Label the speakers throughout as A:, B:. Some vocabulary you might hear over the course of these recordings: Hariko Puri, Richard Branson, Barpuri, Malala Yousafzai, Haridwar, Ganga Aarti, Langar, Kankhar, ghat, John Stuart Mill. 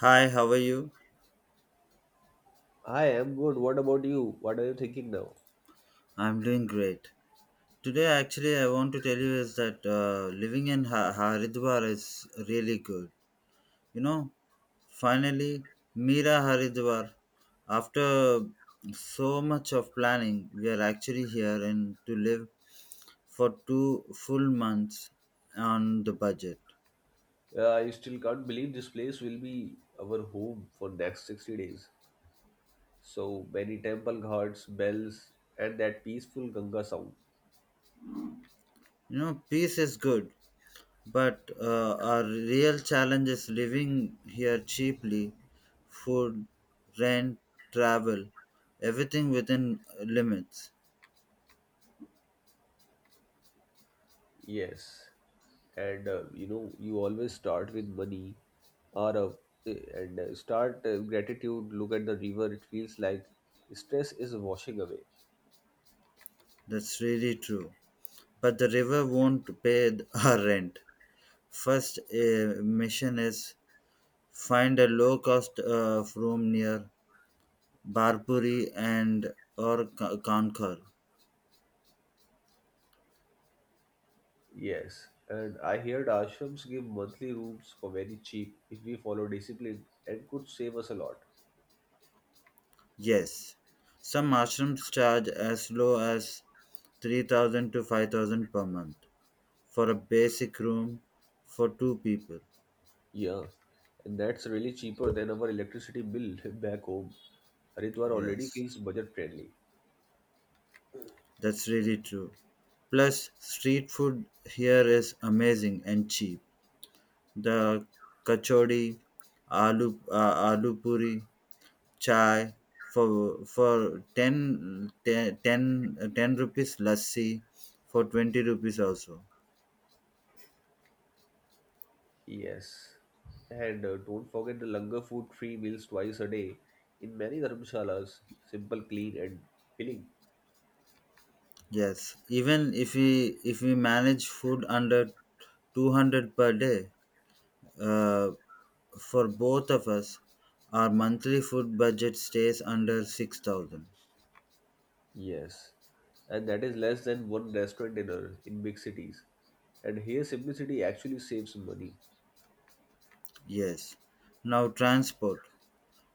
A: Hi, how are you?
B: I am good. What about you? What are you thinking now?
A: I'm doing great. Today, actually, I want to tell you is that living in Haridwar is really good. You know, finally, Mira Haridwar. After so much of planning, we are actually here and to live for 2 full months on the budget.
B: I still can't believe this place will be our home for next 60 days. So many temple ghats, bells, and that peaceful Ganga sound.
A: You know, peace is good. But our real challenge is living here cheaply, food, rent, travel, everything within limits.
B: Yes. You always start with money or and start gratitude, look at the river. It feels like stress is washing away.
A: That's really true. But the river won't pay our rent. First mission is find a low cost room near Barpuri and or Kankhar.
B: Yes. And I heard ashrams give monthly rooms for very cheap if we follow discipline and could save us a lot.
A: Yes, some ashrams charge as low as 3,000 to 5,000 per month for a basic room for two people.
B: Yeah, and that's really cheaper than our electricity bill back home. Haridwar already
A: Yes,
B: feels budget friendly.
A: that's really true. Plus, street food here is amazing and cheap. The kachori, aloo puri, chai for ten rupees, lassi for 20 rupees also.
B: Yes. And don't forget the langar food free meals twice a day in many dharmshalas. Simple, clean, and filling.
A: Yes, even if we manage food under 200 per day, uh, for both of us, our monthly food budget stays under 6,000.
B: Yes. And that is less than one restaurant dinner in big cities. And here, simplicity actually saves money.
A: Yes. Now transport.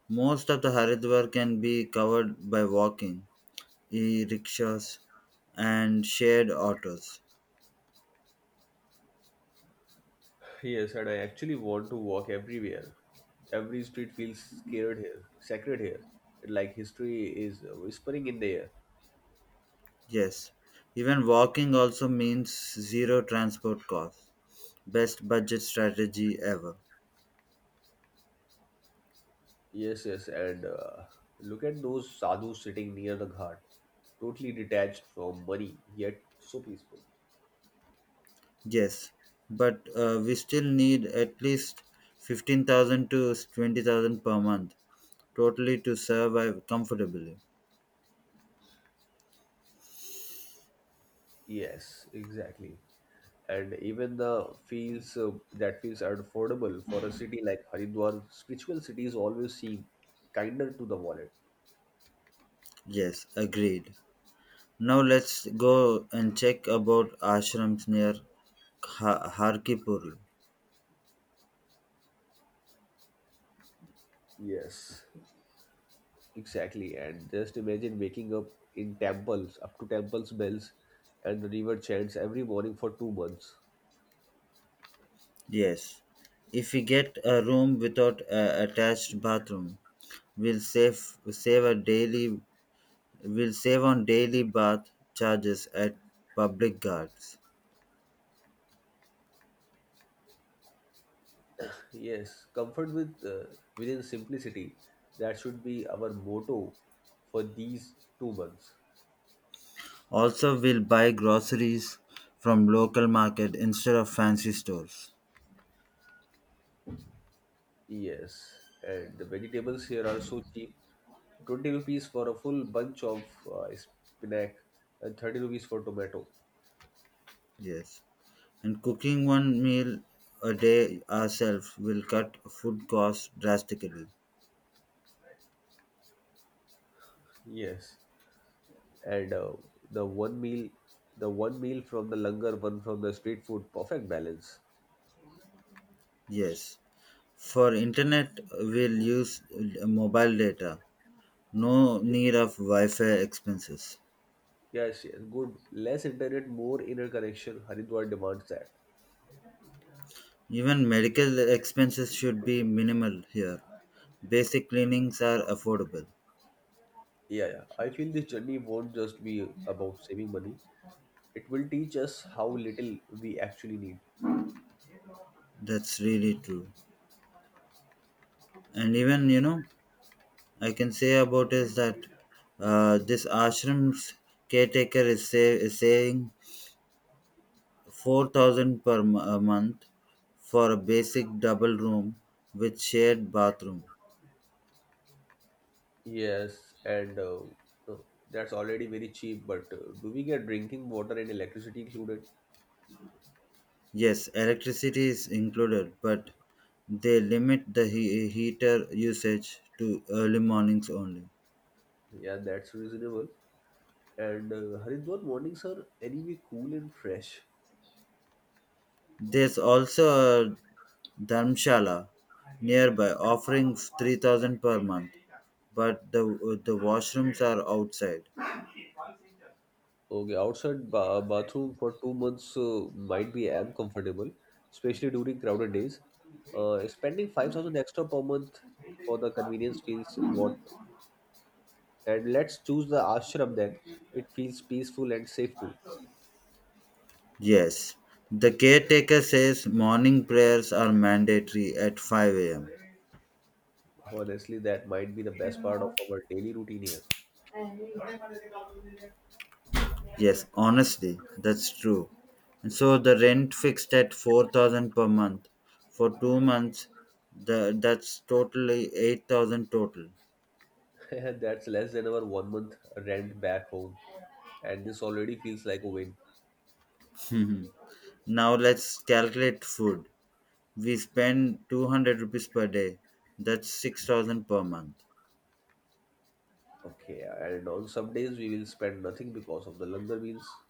A: Most of the Haridwar can be covered by walking, e-rickshaws and shared autos.
B: Yes, and I actually want to walk everywhere. Every street feels scared here, sacred here. Like history is whispering in the air.
A: Yes. Even walking also means zero transport costs. Best budget strategy ever.
B: Yes, yes, and look at those sadhus sitting near the ghat, totally detached from money, yet so peaceful.
A: Yes. But we still need at least 15,000 to 20,000 per month totally to survive comfortably.
B: Yes, exactly. And even the feels that feels affordable for a city like Haridwar. Spiritual cities always seem kinder to the wallet.
A: Yes, agreed. Now let's go and check about ashrams near Harkipur.
B: Yes. Exactly, and just imagine waking up up to temples bells, and the river chants every morning for 2 months.
A: Yes, if we get a room without a attached bathroom, we'll save save a daily we'll save on daily bath charges at public guards.
B: Yes, comfort within simplicity. That should be our motto for these 2 months.
A: Also, we'll buy groceries from local market instead of fancy stores.
B: Yes, and the vegetables here are so cheap. 20 rupees for a full bunch of spinach and 30 rupees for tomato.
A: Yes. And cooking one meal a day ourselves will cut food costs drastically.
B: Yes. And the one meal the one meal from the langar, one from the street food, perfect balance.
A: Yes. For internet, we'll use mobile data. No need of Wi Fi expenses.
B: Yes, yes, good. Less internet, more inner connection. Haridwar demands that.
A: Even medical expenses should be minimal here. Basic cleanings are affordable.
B: Yeah, yeah, I feel this journey won't just be about saving money. It will teach us how little we actually need.
A: That's really true. And even, you know, I can say about is that this ashram's caretaker is saying 4,000 per a month for a basic double room with shared bathroom.
B: Yes. and uh, that's already very cheap, but do we get drinking water and electricity included?
A: Yes, electricity is included, but they limit the heater usage to early mornings only.
B: Yeah, that's reasonable. And Haridwar mornings are anyway cool and fresh.
A: There's also a dharmshala nearby offering 3,000 per month, but the washrooms are outside.
B: Okay, outside ba bathroom for 2 months might be uncomfortable, especially during crowded days. Spending 5,000 extra per month for the convenience feels worth it. And let's choose the ashram then. It feels peaceful and safe too.
A: Yes. The caretaker says morning prayers are mandatory at 5 a.m.
B: Honestly, that might be the best part of our daily routine here.
A: Yes, honestly, that's true. And so the rent fixed at 4,000 per month for 2 months, that's totally 8,000 total.
B: And that's less than our 1 month rent back home. And this already feels like a win.
A: Now let's calculate food. We spend 200 rupees per day. That's 6,000 per month.
B: Okay, and on some days we will spend nothing because of the langar meals.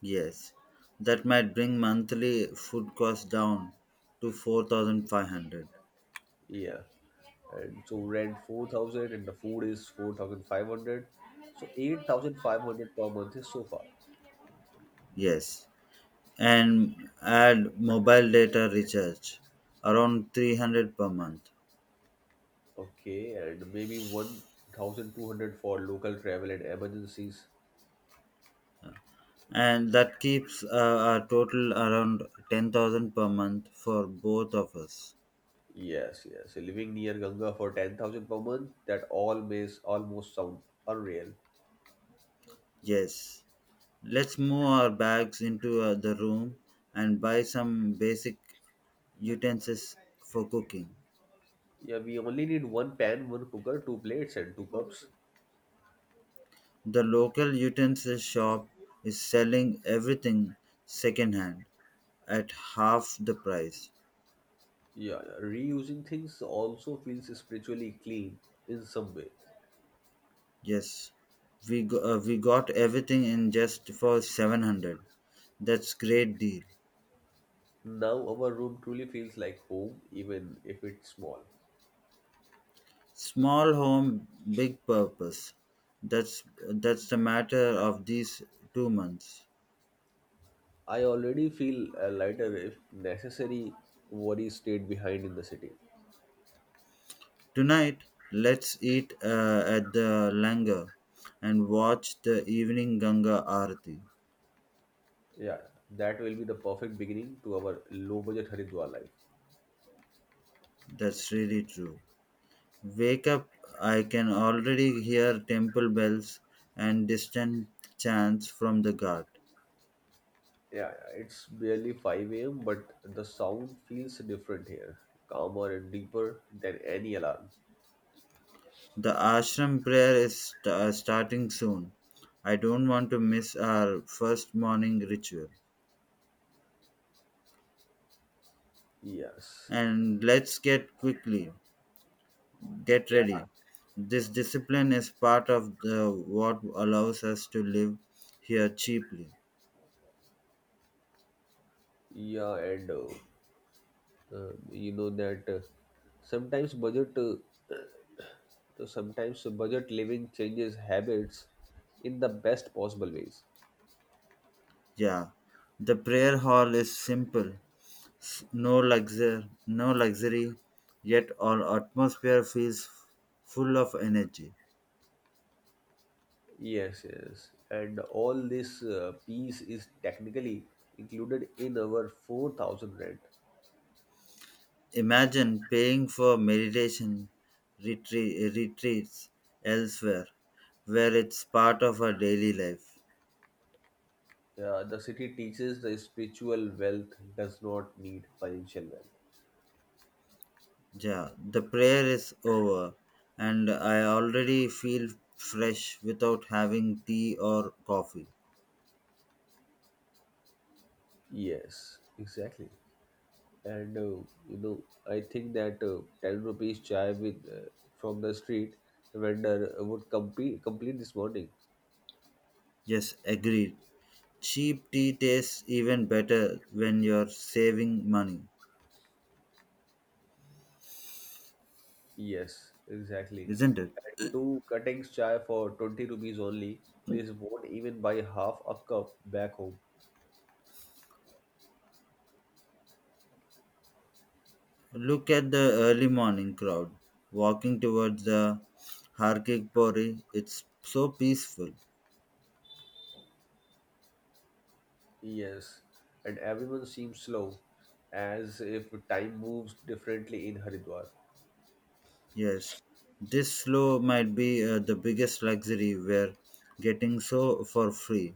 A: Yes. That might bring monthly food cost down to 4,500.
B: Yeah. And so rent 4,000, and the food is 4,500, so 8,500 per month is so far.
A: Yes. And add mobile data recharge around 300 per month.
B: Okay, and maybe 1,200 for local travel and emergencies.
A: And that keeps a total around 10,000 per month for both of us.
B: Yes, yes. So, living near Ganga for 10,000 per month, that all makes almost sound unreal.
A: Yes, let's move our bags into the room and buy some basic utensils for cooking.
B: Yeah, we only need one pan, one cooker, two plates, and two cups.
A: The local utensil shop is selling everything secondhand at half the price.
B: Yeah, yeah. Reusing things also feels spiritually clean in some way.
A: Yes, we got everything in just for 700. That's great deal.
B: Now our room truly feels like home, even if it's small.
A: Small home, big purpose. That's that's the matter of these 2 months.
B: I already feel lighter. If necessary, worries stayed behind in the city.
A: Tonight, let's eat at the Langar and watch the evening Ganga Aarti.
B: Yeah, that will be the perfect beginning to our low budget Haridwar life.
A: That's really true. Wake up! I can already hear temple bells and distant chants from the ghat.
B: Yeah, it's barely 5 a.m., but the sound feels different here, calmer and deeper than any alarm.
A: The ashram prayer is starting soon. I don't want to miss our first morning ritual.
B: Yes.
A: And let's get
B: Yeah.
A: ready. This discipline is part of the what allows us to live here cheaply.
B: Yeah, and you know that sometimes budget, uh, sometimes budget living changes habits in the best possible ways.
A: Yeah, the prayer hall is simple. No luxury, yet our atmosphere feels full of energy.
B: Yes, yes. And all this piece is technically included in our 4,000 rent.
A: Imagine paying for meditation retreats elsewhere where it's part of our daily life.
B: Yeah, the city teaches the spiritual wealth does not need financial wealth.
A: Yeah, the prayer is over, and I already feel fresh without having tea or coffee.
B: Yes, exactly. I think that 10 rupees chai with from the street vendor would complete this morning.
A: Yes, agreed. Cheap tea tastes even better when you're saving money,
B: Yes, exactly.
A: isn't it?
B: And two cuttings chai for 20 rupees only. This won't even buy half a cup back home.
A: Look at the early morning crowd walking towards the Harkik Pori. It's so peaceful.
B: Yes, and everyone seems slow, as if time moves differently in Haridwar.
A: Yes, this slow might be the biggest luxury we're getting so for free.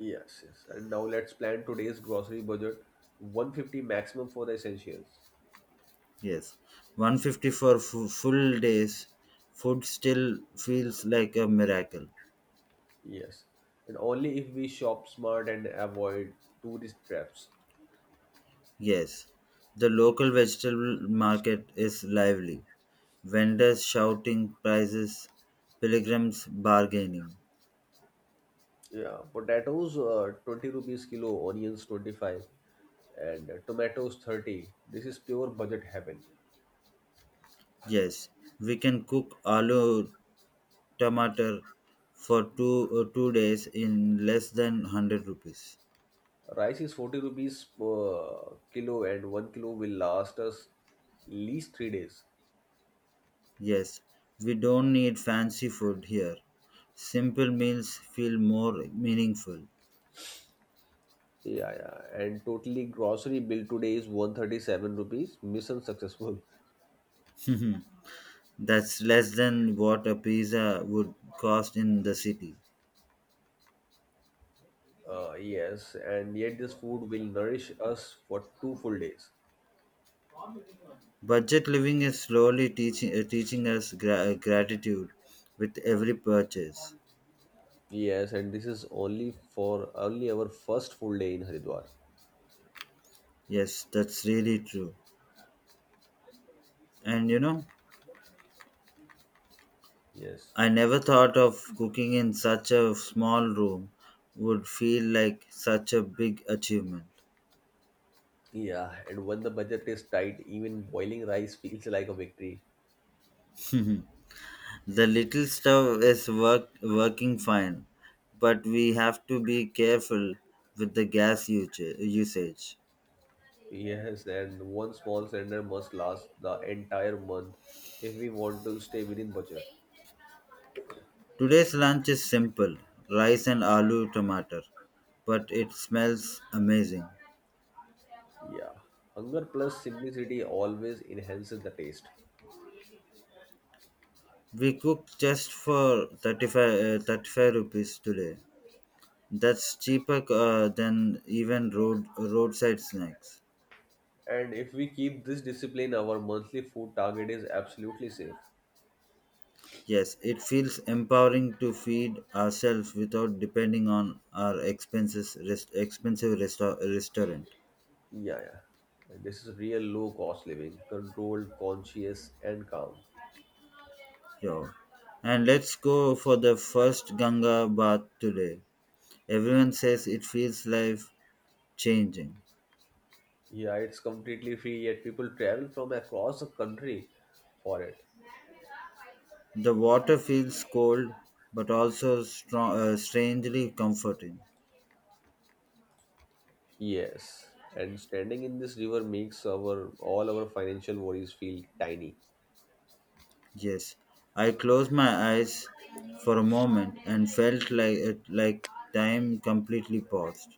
B: Yes, yes. And now let's plan today's grocery budget, 150 maximum for the essentials.
A: Yes, 150 for full days. Food still feels like a miracle.
B: Yes, and only if we shop smart and avoid tourist traps.
A: Yes, the local vegetable market is lively. Vendors shouting prices, pilgrims bargaining.
B: Yeah, potatoes 20 rupees kilo, onions 25, and tomatoes 30. This is pure budget heaven.
A: Yes, we can cook aloo tomato for 2 days in less than 100 rupees.
B: Rice is 40 rupees per kilo, and 1 kilo will last us least 3 days.
A: Yes, we don't need fancy food here. Simple meals feel more meaningful.
B: Yeah, yeah. And totally grocery bill today is 137 rupees. Mission successful.
A: That's less than what a pizza would cost in the city.
B: Yes, and yet this food will nourish us for two full days.
A: Budget living is slowly teaching us gratitude with every purchase.
B: Yes, and this is only for only our first full day in Haridwar.
A: Yes, that's really true. And you know,
B: Yes.
A: I never thought of cooking in such a small room would feel like such a big achievement.
B: Yeah, and when the budget is tight, even boiling rice feels like a victory.
A: Mhm. The little stuff is working fine, but we have to be careful with the gas usage.
B: Yes, and one small cylinder must last the entire month if we want to stay within budget.
A: Today's lunch is simple rice and aloo tomato, but it smells amazing.
B: Yeah, hunger plus simplicity always enhances the taste.
A: We cooked just for 35 rupees today. That's cheaper than even roadside snacks.
B: And if we keep this discipline, our monthly food target is absolutely safe.
A: Yes, it feels empowering to feed ourselves without depending on our expenses rest, expensive resta- restaurant.
B: Yeah, yeah. And this is real low cost living, controlled, conscious, and calm.
A: Yo. And let's go for the first Ganga bath today. Everyone says it feels like changing.
B: Yeah, it's completely free, yet people travel from across the country for it.
A: The water feels cold but also strong, strangely comforting.
B: Yes, and standing in this river makes our all our financial worries feel tiny.
A: Yes, I closed my eyes for a moment and felt like time completely paused.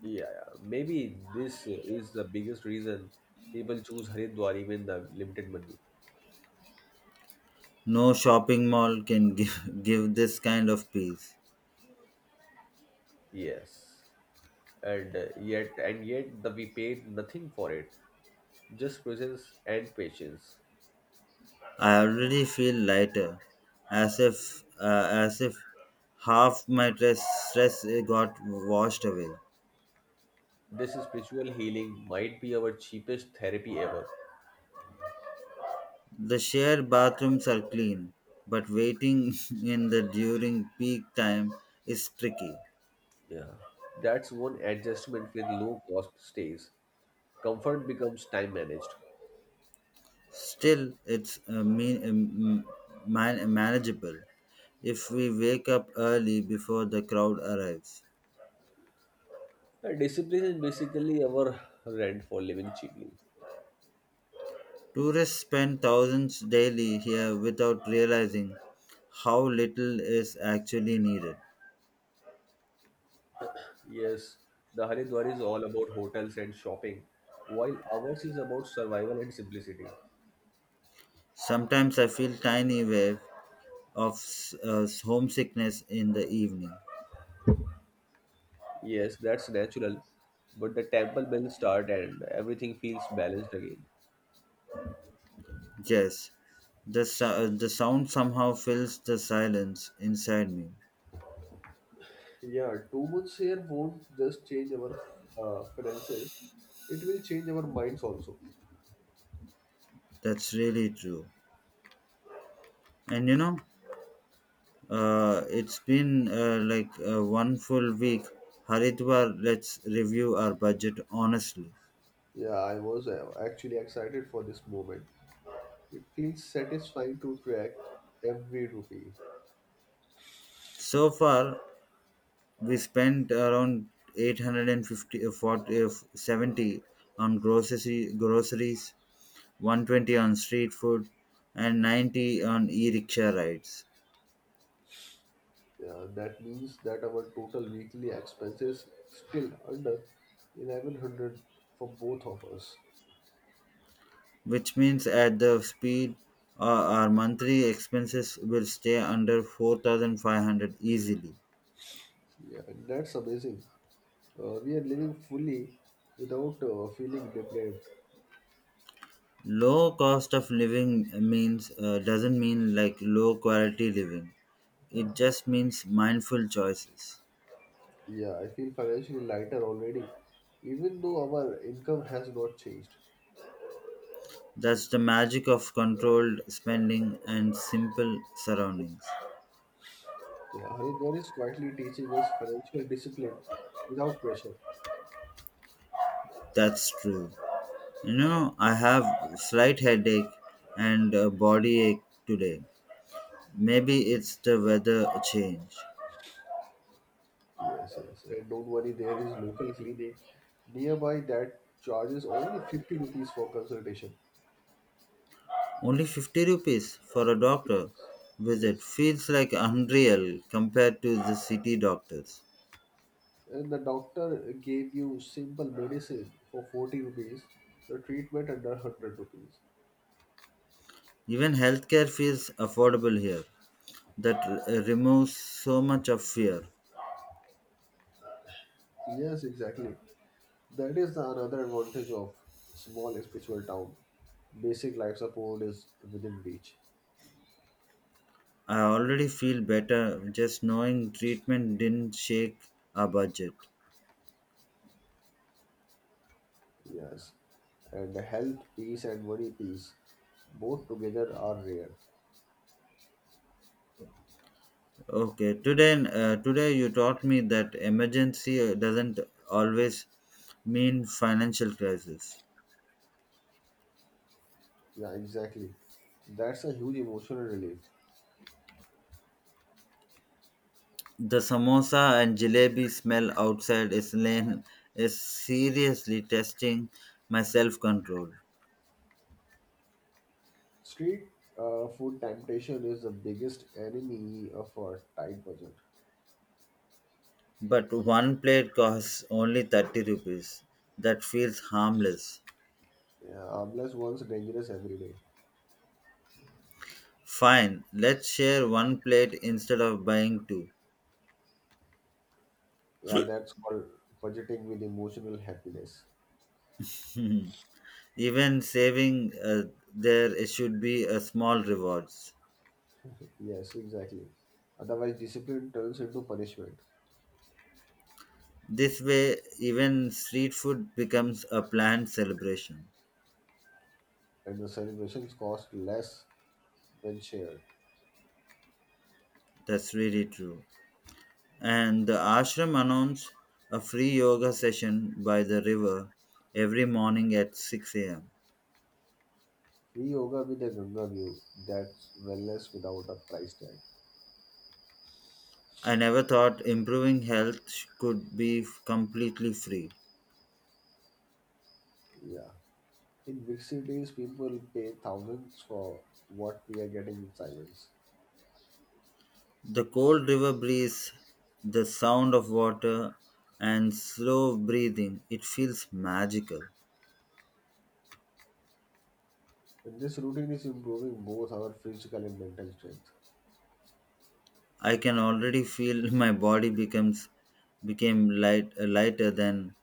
B: Yeah, yeah. Maybe this is the biggest reason people choose Haridwar even the limited money.
A: No shopping mall can give this kind of peace.
B: Yes, and yet the we paid nothing for it, just presence and patience.
A: I already feel lighter, as if half my stress got washed away.
B: This spiritual healing might be our cheapest therapy ever.
A: The shared bathrooms are clean, but waiting in the during peak time is tricky.
B: Yeah, that's one adjustment with low cost stays. Comfort becomes time managed.
A: Still, it's manageable if we wake up early before the crowd arrives.
B: Discipline is basically our rent for living cheaply.
A: Tourists spend thousands daily here without realizing how little is actually needed.
B: Yes, the Haridwar is all about hotels and shopping, while ours is about survival and simplicity.
A: Sometimes I feel tiny wave of homesickness in the evening.
B: Yes, that's natural, but the temple bells start and everything feels balanced again.
A: Yes, the sound somehow fills the silence inside me.
B: Yeah, 2 months here won't just change our finances, it will change our minds also.
A: That's really true. And you know, it's been like one full week. Haridwar, let's review our budget honestly.
B: Yeah, I was actually excited for this moment. It feels satisfying to track every rupee.
A: So far, we spent around 850, 40, 70 on groceries, 120 on street food, and 90 on e-rickshaw rides.
B: Yeah, that means that our total weekly expenses still under 1,100 for both of us.
A: Which means at the speed our monthly expenses will stay under 4,500 easily.
B: Yeah, and that's amazing. We are living fully without feeling deprived.
A: Low cost of living means doesn't mean like low quality living. It just means mindful choices.
B: Yeah, I feel financially lighter already, even though our income has not changed.
A: That's the magic of controlled spending and simple surroundings.
B: Yeah, Haridwar is quietly teaching us financial discipline without pressure.
A: That's true. You know, I have slight headache and a body ache today. Maybe it's the weather change.
B: Yes, yes. And don't worry, there is local clinic nearby that charges only 50 rupees for consultation.
A: Only 50 rupees for a doctor visit
B: Yes.
A: feels like unreal compared to the city doctors.
B: And the doctor gave you simple medicine for 40 rupees, the treatment under 100 rupees.
A: Even healthcare feels affordable here. That removes so much of fear.
B: Yes, exactly. That is the another advantage of small spiritual town. Basic life support is within reach.
A: I already feel better just knowing treatment didn't shake our budget.
B: Yes. And health peace and money peace, both together are rare.
A: Okay, today you taught me that emergency doesn't always mean financial crisis.
B: Yeah, exactly. That's a huge emotional relief.
A: The samosa and jalebi smell outside is lane is seriously testing my self control.
B: Street Food temptation is the biggest enemy of a tight budget.
A: But one plate costs only 30 rupees. That feels harmless.
B: Yeah, harmless ones dangerous every day.
A: Fine, let's share one plate instead of buying two.
B: Yeah, that's called budgeting with emotional happiness.
A: Even saving, there should be a small rewards.
B: Yes, exactly. Otherwise, discipline turns into punishment,
A: This way, even street food becomes a planned celebration.
B: and the celebrations cost less when shared.
A: That's really true. And the ashram announced a free yoga session by the river every morning at 6 a.m.
B: Free yoga with a Ganga view, that's wellness without a price tag.
A: I never thought improving health could be completely free.
B: Yeah. In big cities, people pay thousands for what we are getting in silence.
A: The cold river breeze, the sound of water, and slow breathing, it feels magical.
B: And this routine is improving both our physical and mental strength.
A: I can already feel my body becomes became lighter than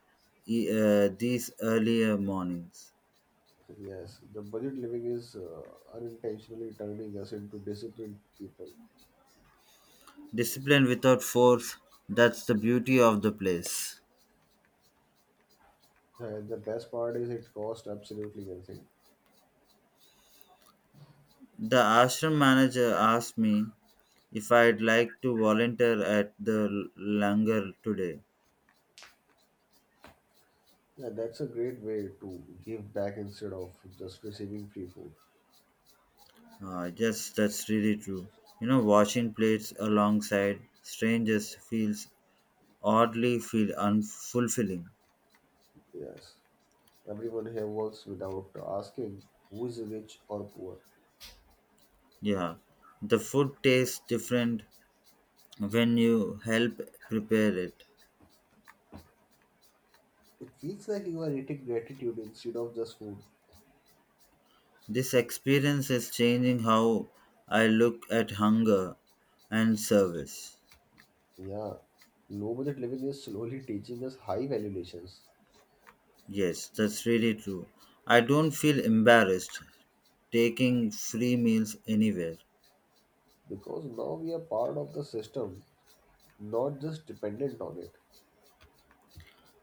A: these earlier mornings.
B: Yes, the budget living is unintentionally turning us into disciplined people.
A: Discipline without force, that's the beauty of the place.
B: And the best part is it costs absolutely nothing.
A: The ashram manager asked me if I'd like to volunteer at the langar today.
B: Yeah, that's a great way to give back instead of just receiving free food.
A: Yes, that's really true. You know, washing plates alongside strangers feel unfulfilling.
B: Yes, everyone here works without asking who is rich or poor.
A: Yeah, the food tastes different when you help prepare it.
B: It feels like you are eating gratitude instead of just food.
A: This experience is changing how I look at hunger and service.
B: Yeah, low budget living is slowly teaching us high valuations,
A: Yes, that's really true. I don't feel embarrassed taking free meals anywhere.
B: because now we are part of the system, not just dependent on it.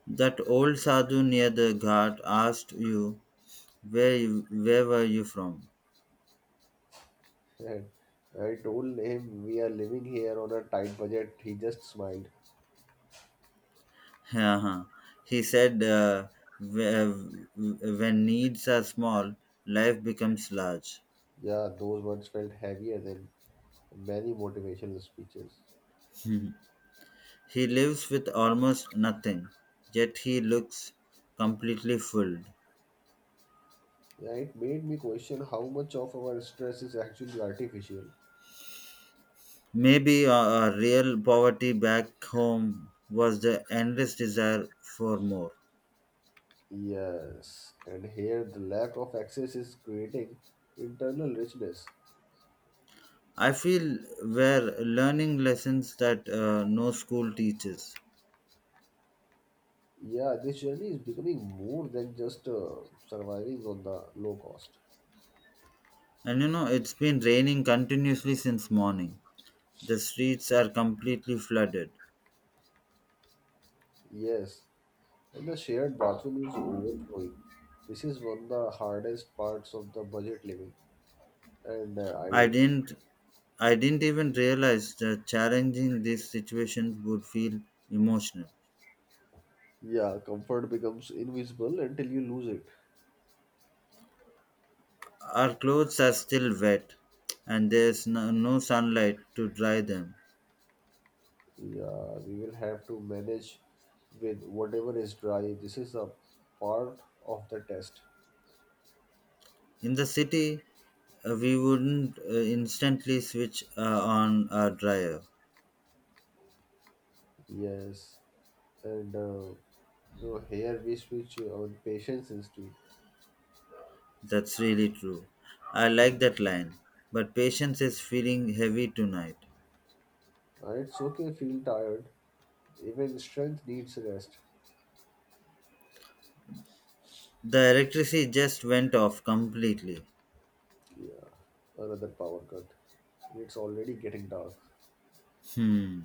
A: That old sadhu near the ghat asked you where were you from?
B: And I told him we are living here on a tight budget. He just smiled.
A: Uh-huh. He said, When needs are small, life becomes large."
B: Yeah, those words felt heavier than many motivational speeches.
A: He lives with almost nothing, yet he looks completely full.
B: Yeah, it made me question how much of our stress is actually artificial.
A: Maybe our real poverty back home was the endless desire for more.
B: Yes, and here the lack of access is creating internal richness.
A: I feel we're learning lessons that no school teaches.
B: Yeah, this journey is becoming more than just surviving on the low cost.
A: And you know, it's been raining continuously since morning. The streets are completely flooded.
B: Yes. And the shared bathroom is overflowing. This is one of the hardest parts of the budget living. And uh,
A: I
B: I,
A: didn't I didn't even realize that challenging these situations would feel emotional.
B: yeah, comfort becomes invisible until you lose it.
A: Our clothes are still wet, and there's no sunlight to dry them.
B: Yeah, we will have to manage with whatever is dry. This is a part of the test.
A: In the city, we wouldn't instantly switch on our dryer.
B: Yes. And so Here we switch on patience insteed.
A: That's really true. I like that line. But patience is feeling heavy tonight.
B: It's okay, feel tired. Even strength needs rest.
A: The electricity just went off completely.
B: Yeah, another power cut. It's already getting dark.
A: Hmm.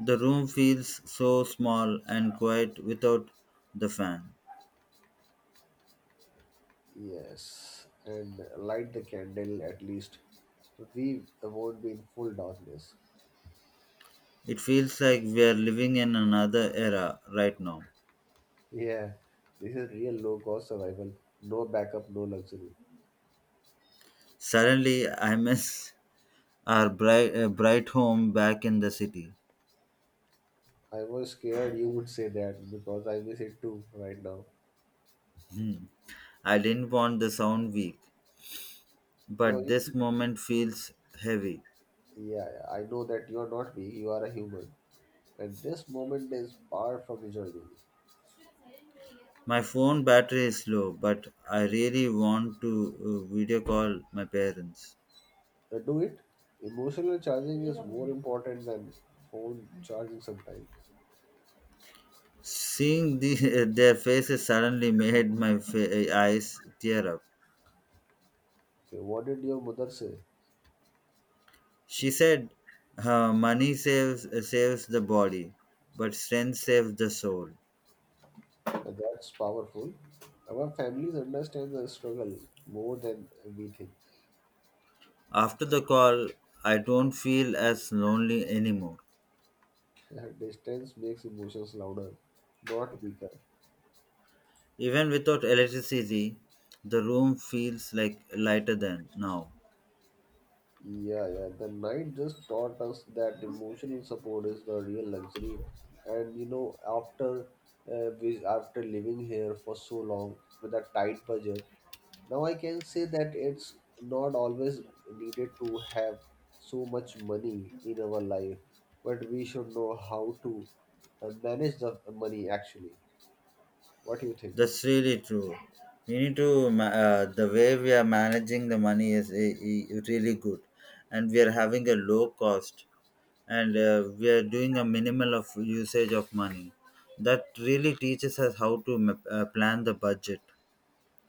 A: The room feels so small and quiet without the fan.
B: Yes, and light the candle at least. We won't be in full darkness.
A: It feels like we are living in another era right now.
B: Yeah, this is real low cost survival. No backup, no luxury.
A: Suddenly, I miss our bright home back in the city.
B: I was scared you would say that because I miss it too right now.
A: I didn't want the sound weak,
B: No,
A: but
B: you,
A: this moment feels heavy.
B: Yeah, yeah, I know that you are not me, you are a human. And this moment is far from the journey.
A: My phone battery is low, but I really want to video call my parents.
B: Do it. Emotional charging is more important than phone charging sometimes.
A: Seeing their faces suddenly made my eyes tear up.
B: Okay, what did your mother say?
A: She said, "Money saves the body, but strength saves the soul."
B: Yeah, that's powerful. Our families understand the struggle more than we think.
A: After the call, I don't feel as lonely anymore.
B: Yeah, distance makes emotions louder, not weaker.
A: Even without electricity, the room feels like lighter than now.
B: Yeah, yeah. The night just taught us that emotional support is the real luxury. And you know, after living here for so long with a tight budget, now I can say that it's not always needed to have so much money in our life, but we should know how to manage the money actually. What do you think?
A: That's really true. We need to the way we are managing the money is really good, and we are having a low cost, and we are doing a minimal of usage of money. That really teaches us how to plan the budget.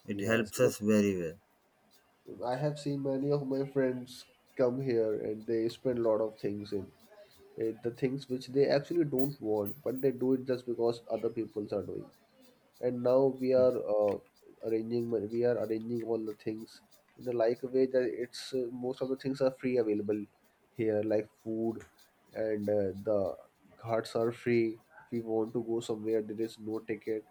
A: It
B: Yes,
A: helps
B: you
A: us very well.
B: know, I have seen many of my friends come here and they spend a lot of things in it, the things which they actually don't want, but they do it just because other peoples are doing. And now we are arranging we are arranging all the things in a like way that it's most of the things are free available here, like food, and the ghats are free. If we want to go somewhere, there is no ticket,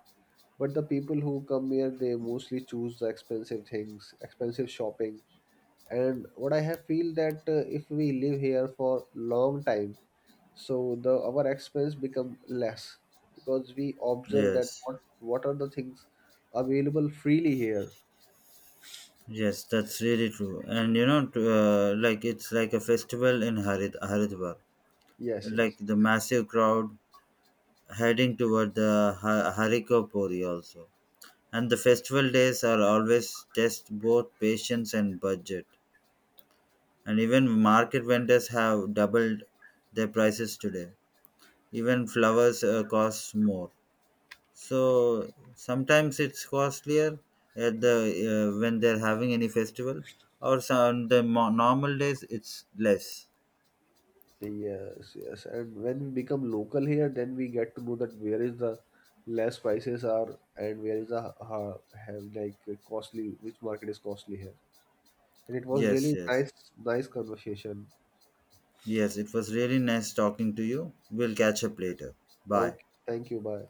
B: but the people who come here, they mostly choose the expensive things, expensive shopping. And what I have feel that if we live here for long time, so the our expense become less, because we observe that
A: Yes.
B: what are the things available freely here.
A: Yes, that's really true. And you know, like it's like a festival in Haridwar,
B: Yes,
A: like
B: yes,
A: the massive crowd heading toward the Hariko Puri also. And the festival days are always test both patience and budget. And even market vendors have doubled their prices today. Even flowers cost more. So sometimes it's costlier at the when they're having any festival, or so, on the normal days it's less.
B: yes, yes. And when we become local here, then we get to know that where is the less prices are, and where is the have like costly, which market is costly here. And it was
A: Yes,
B: really
A: yes,
B: nice conversation.
A: yes, it was really nice talking to you. We'll catch up later. Bye.
B: Okay, thank you. Bye.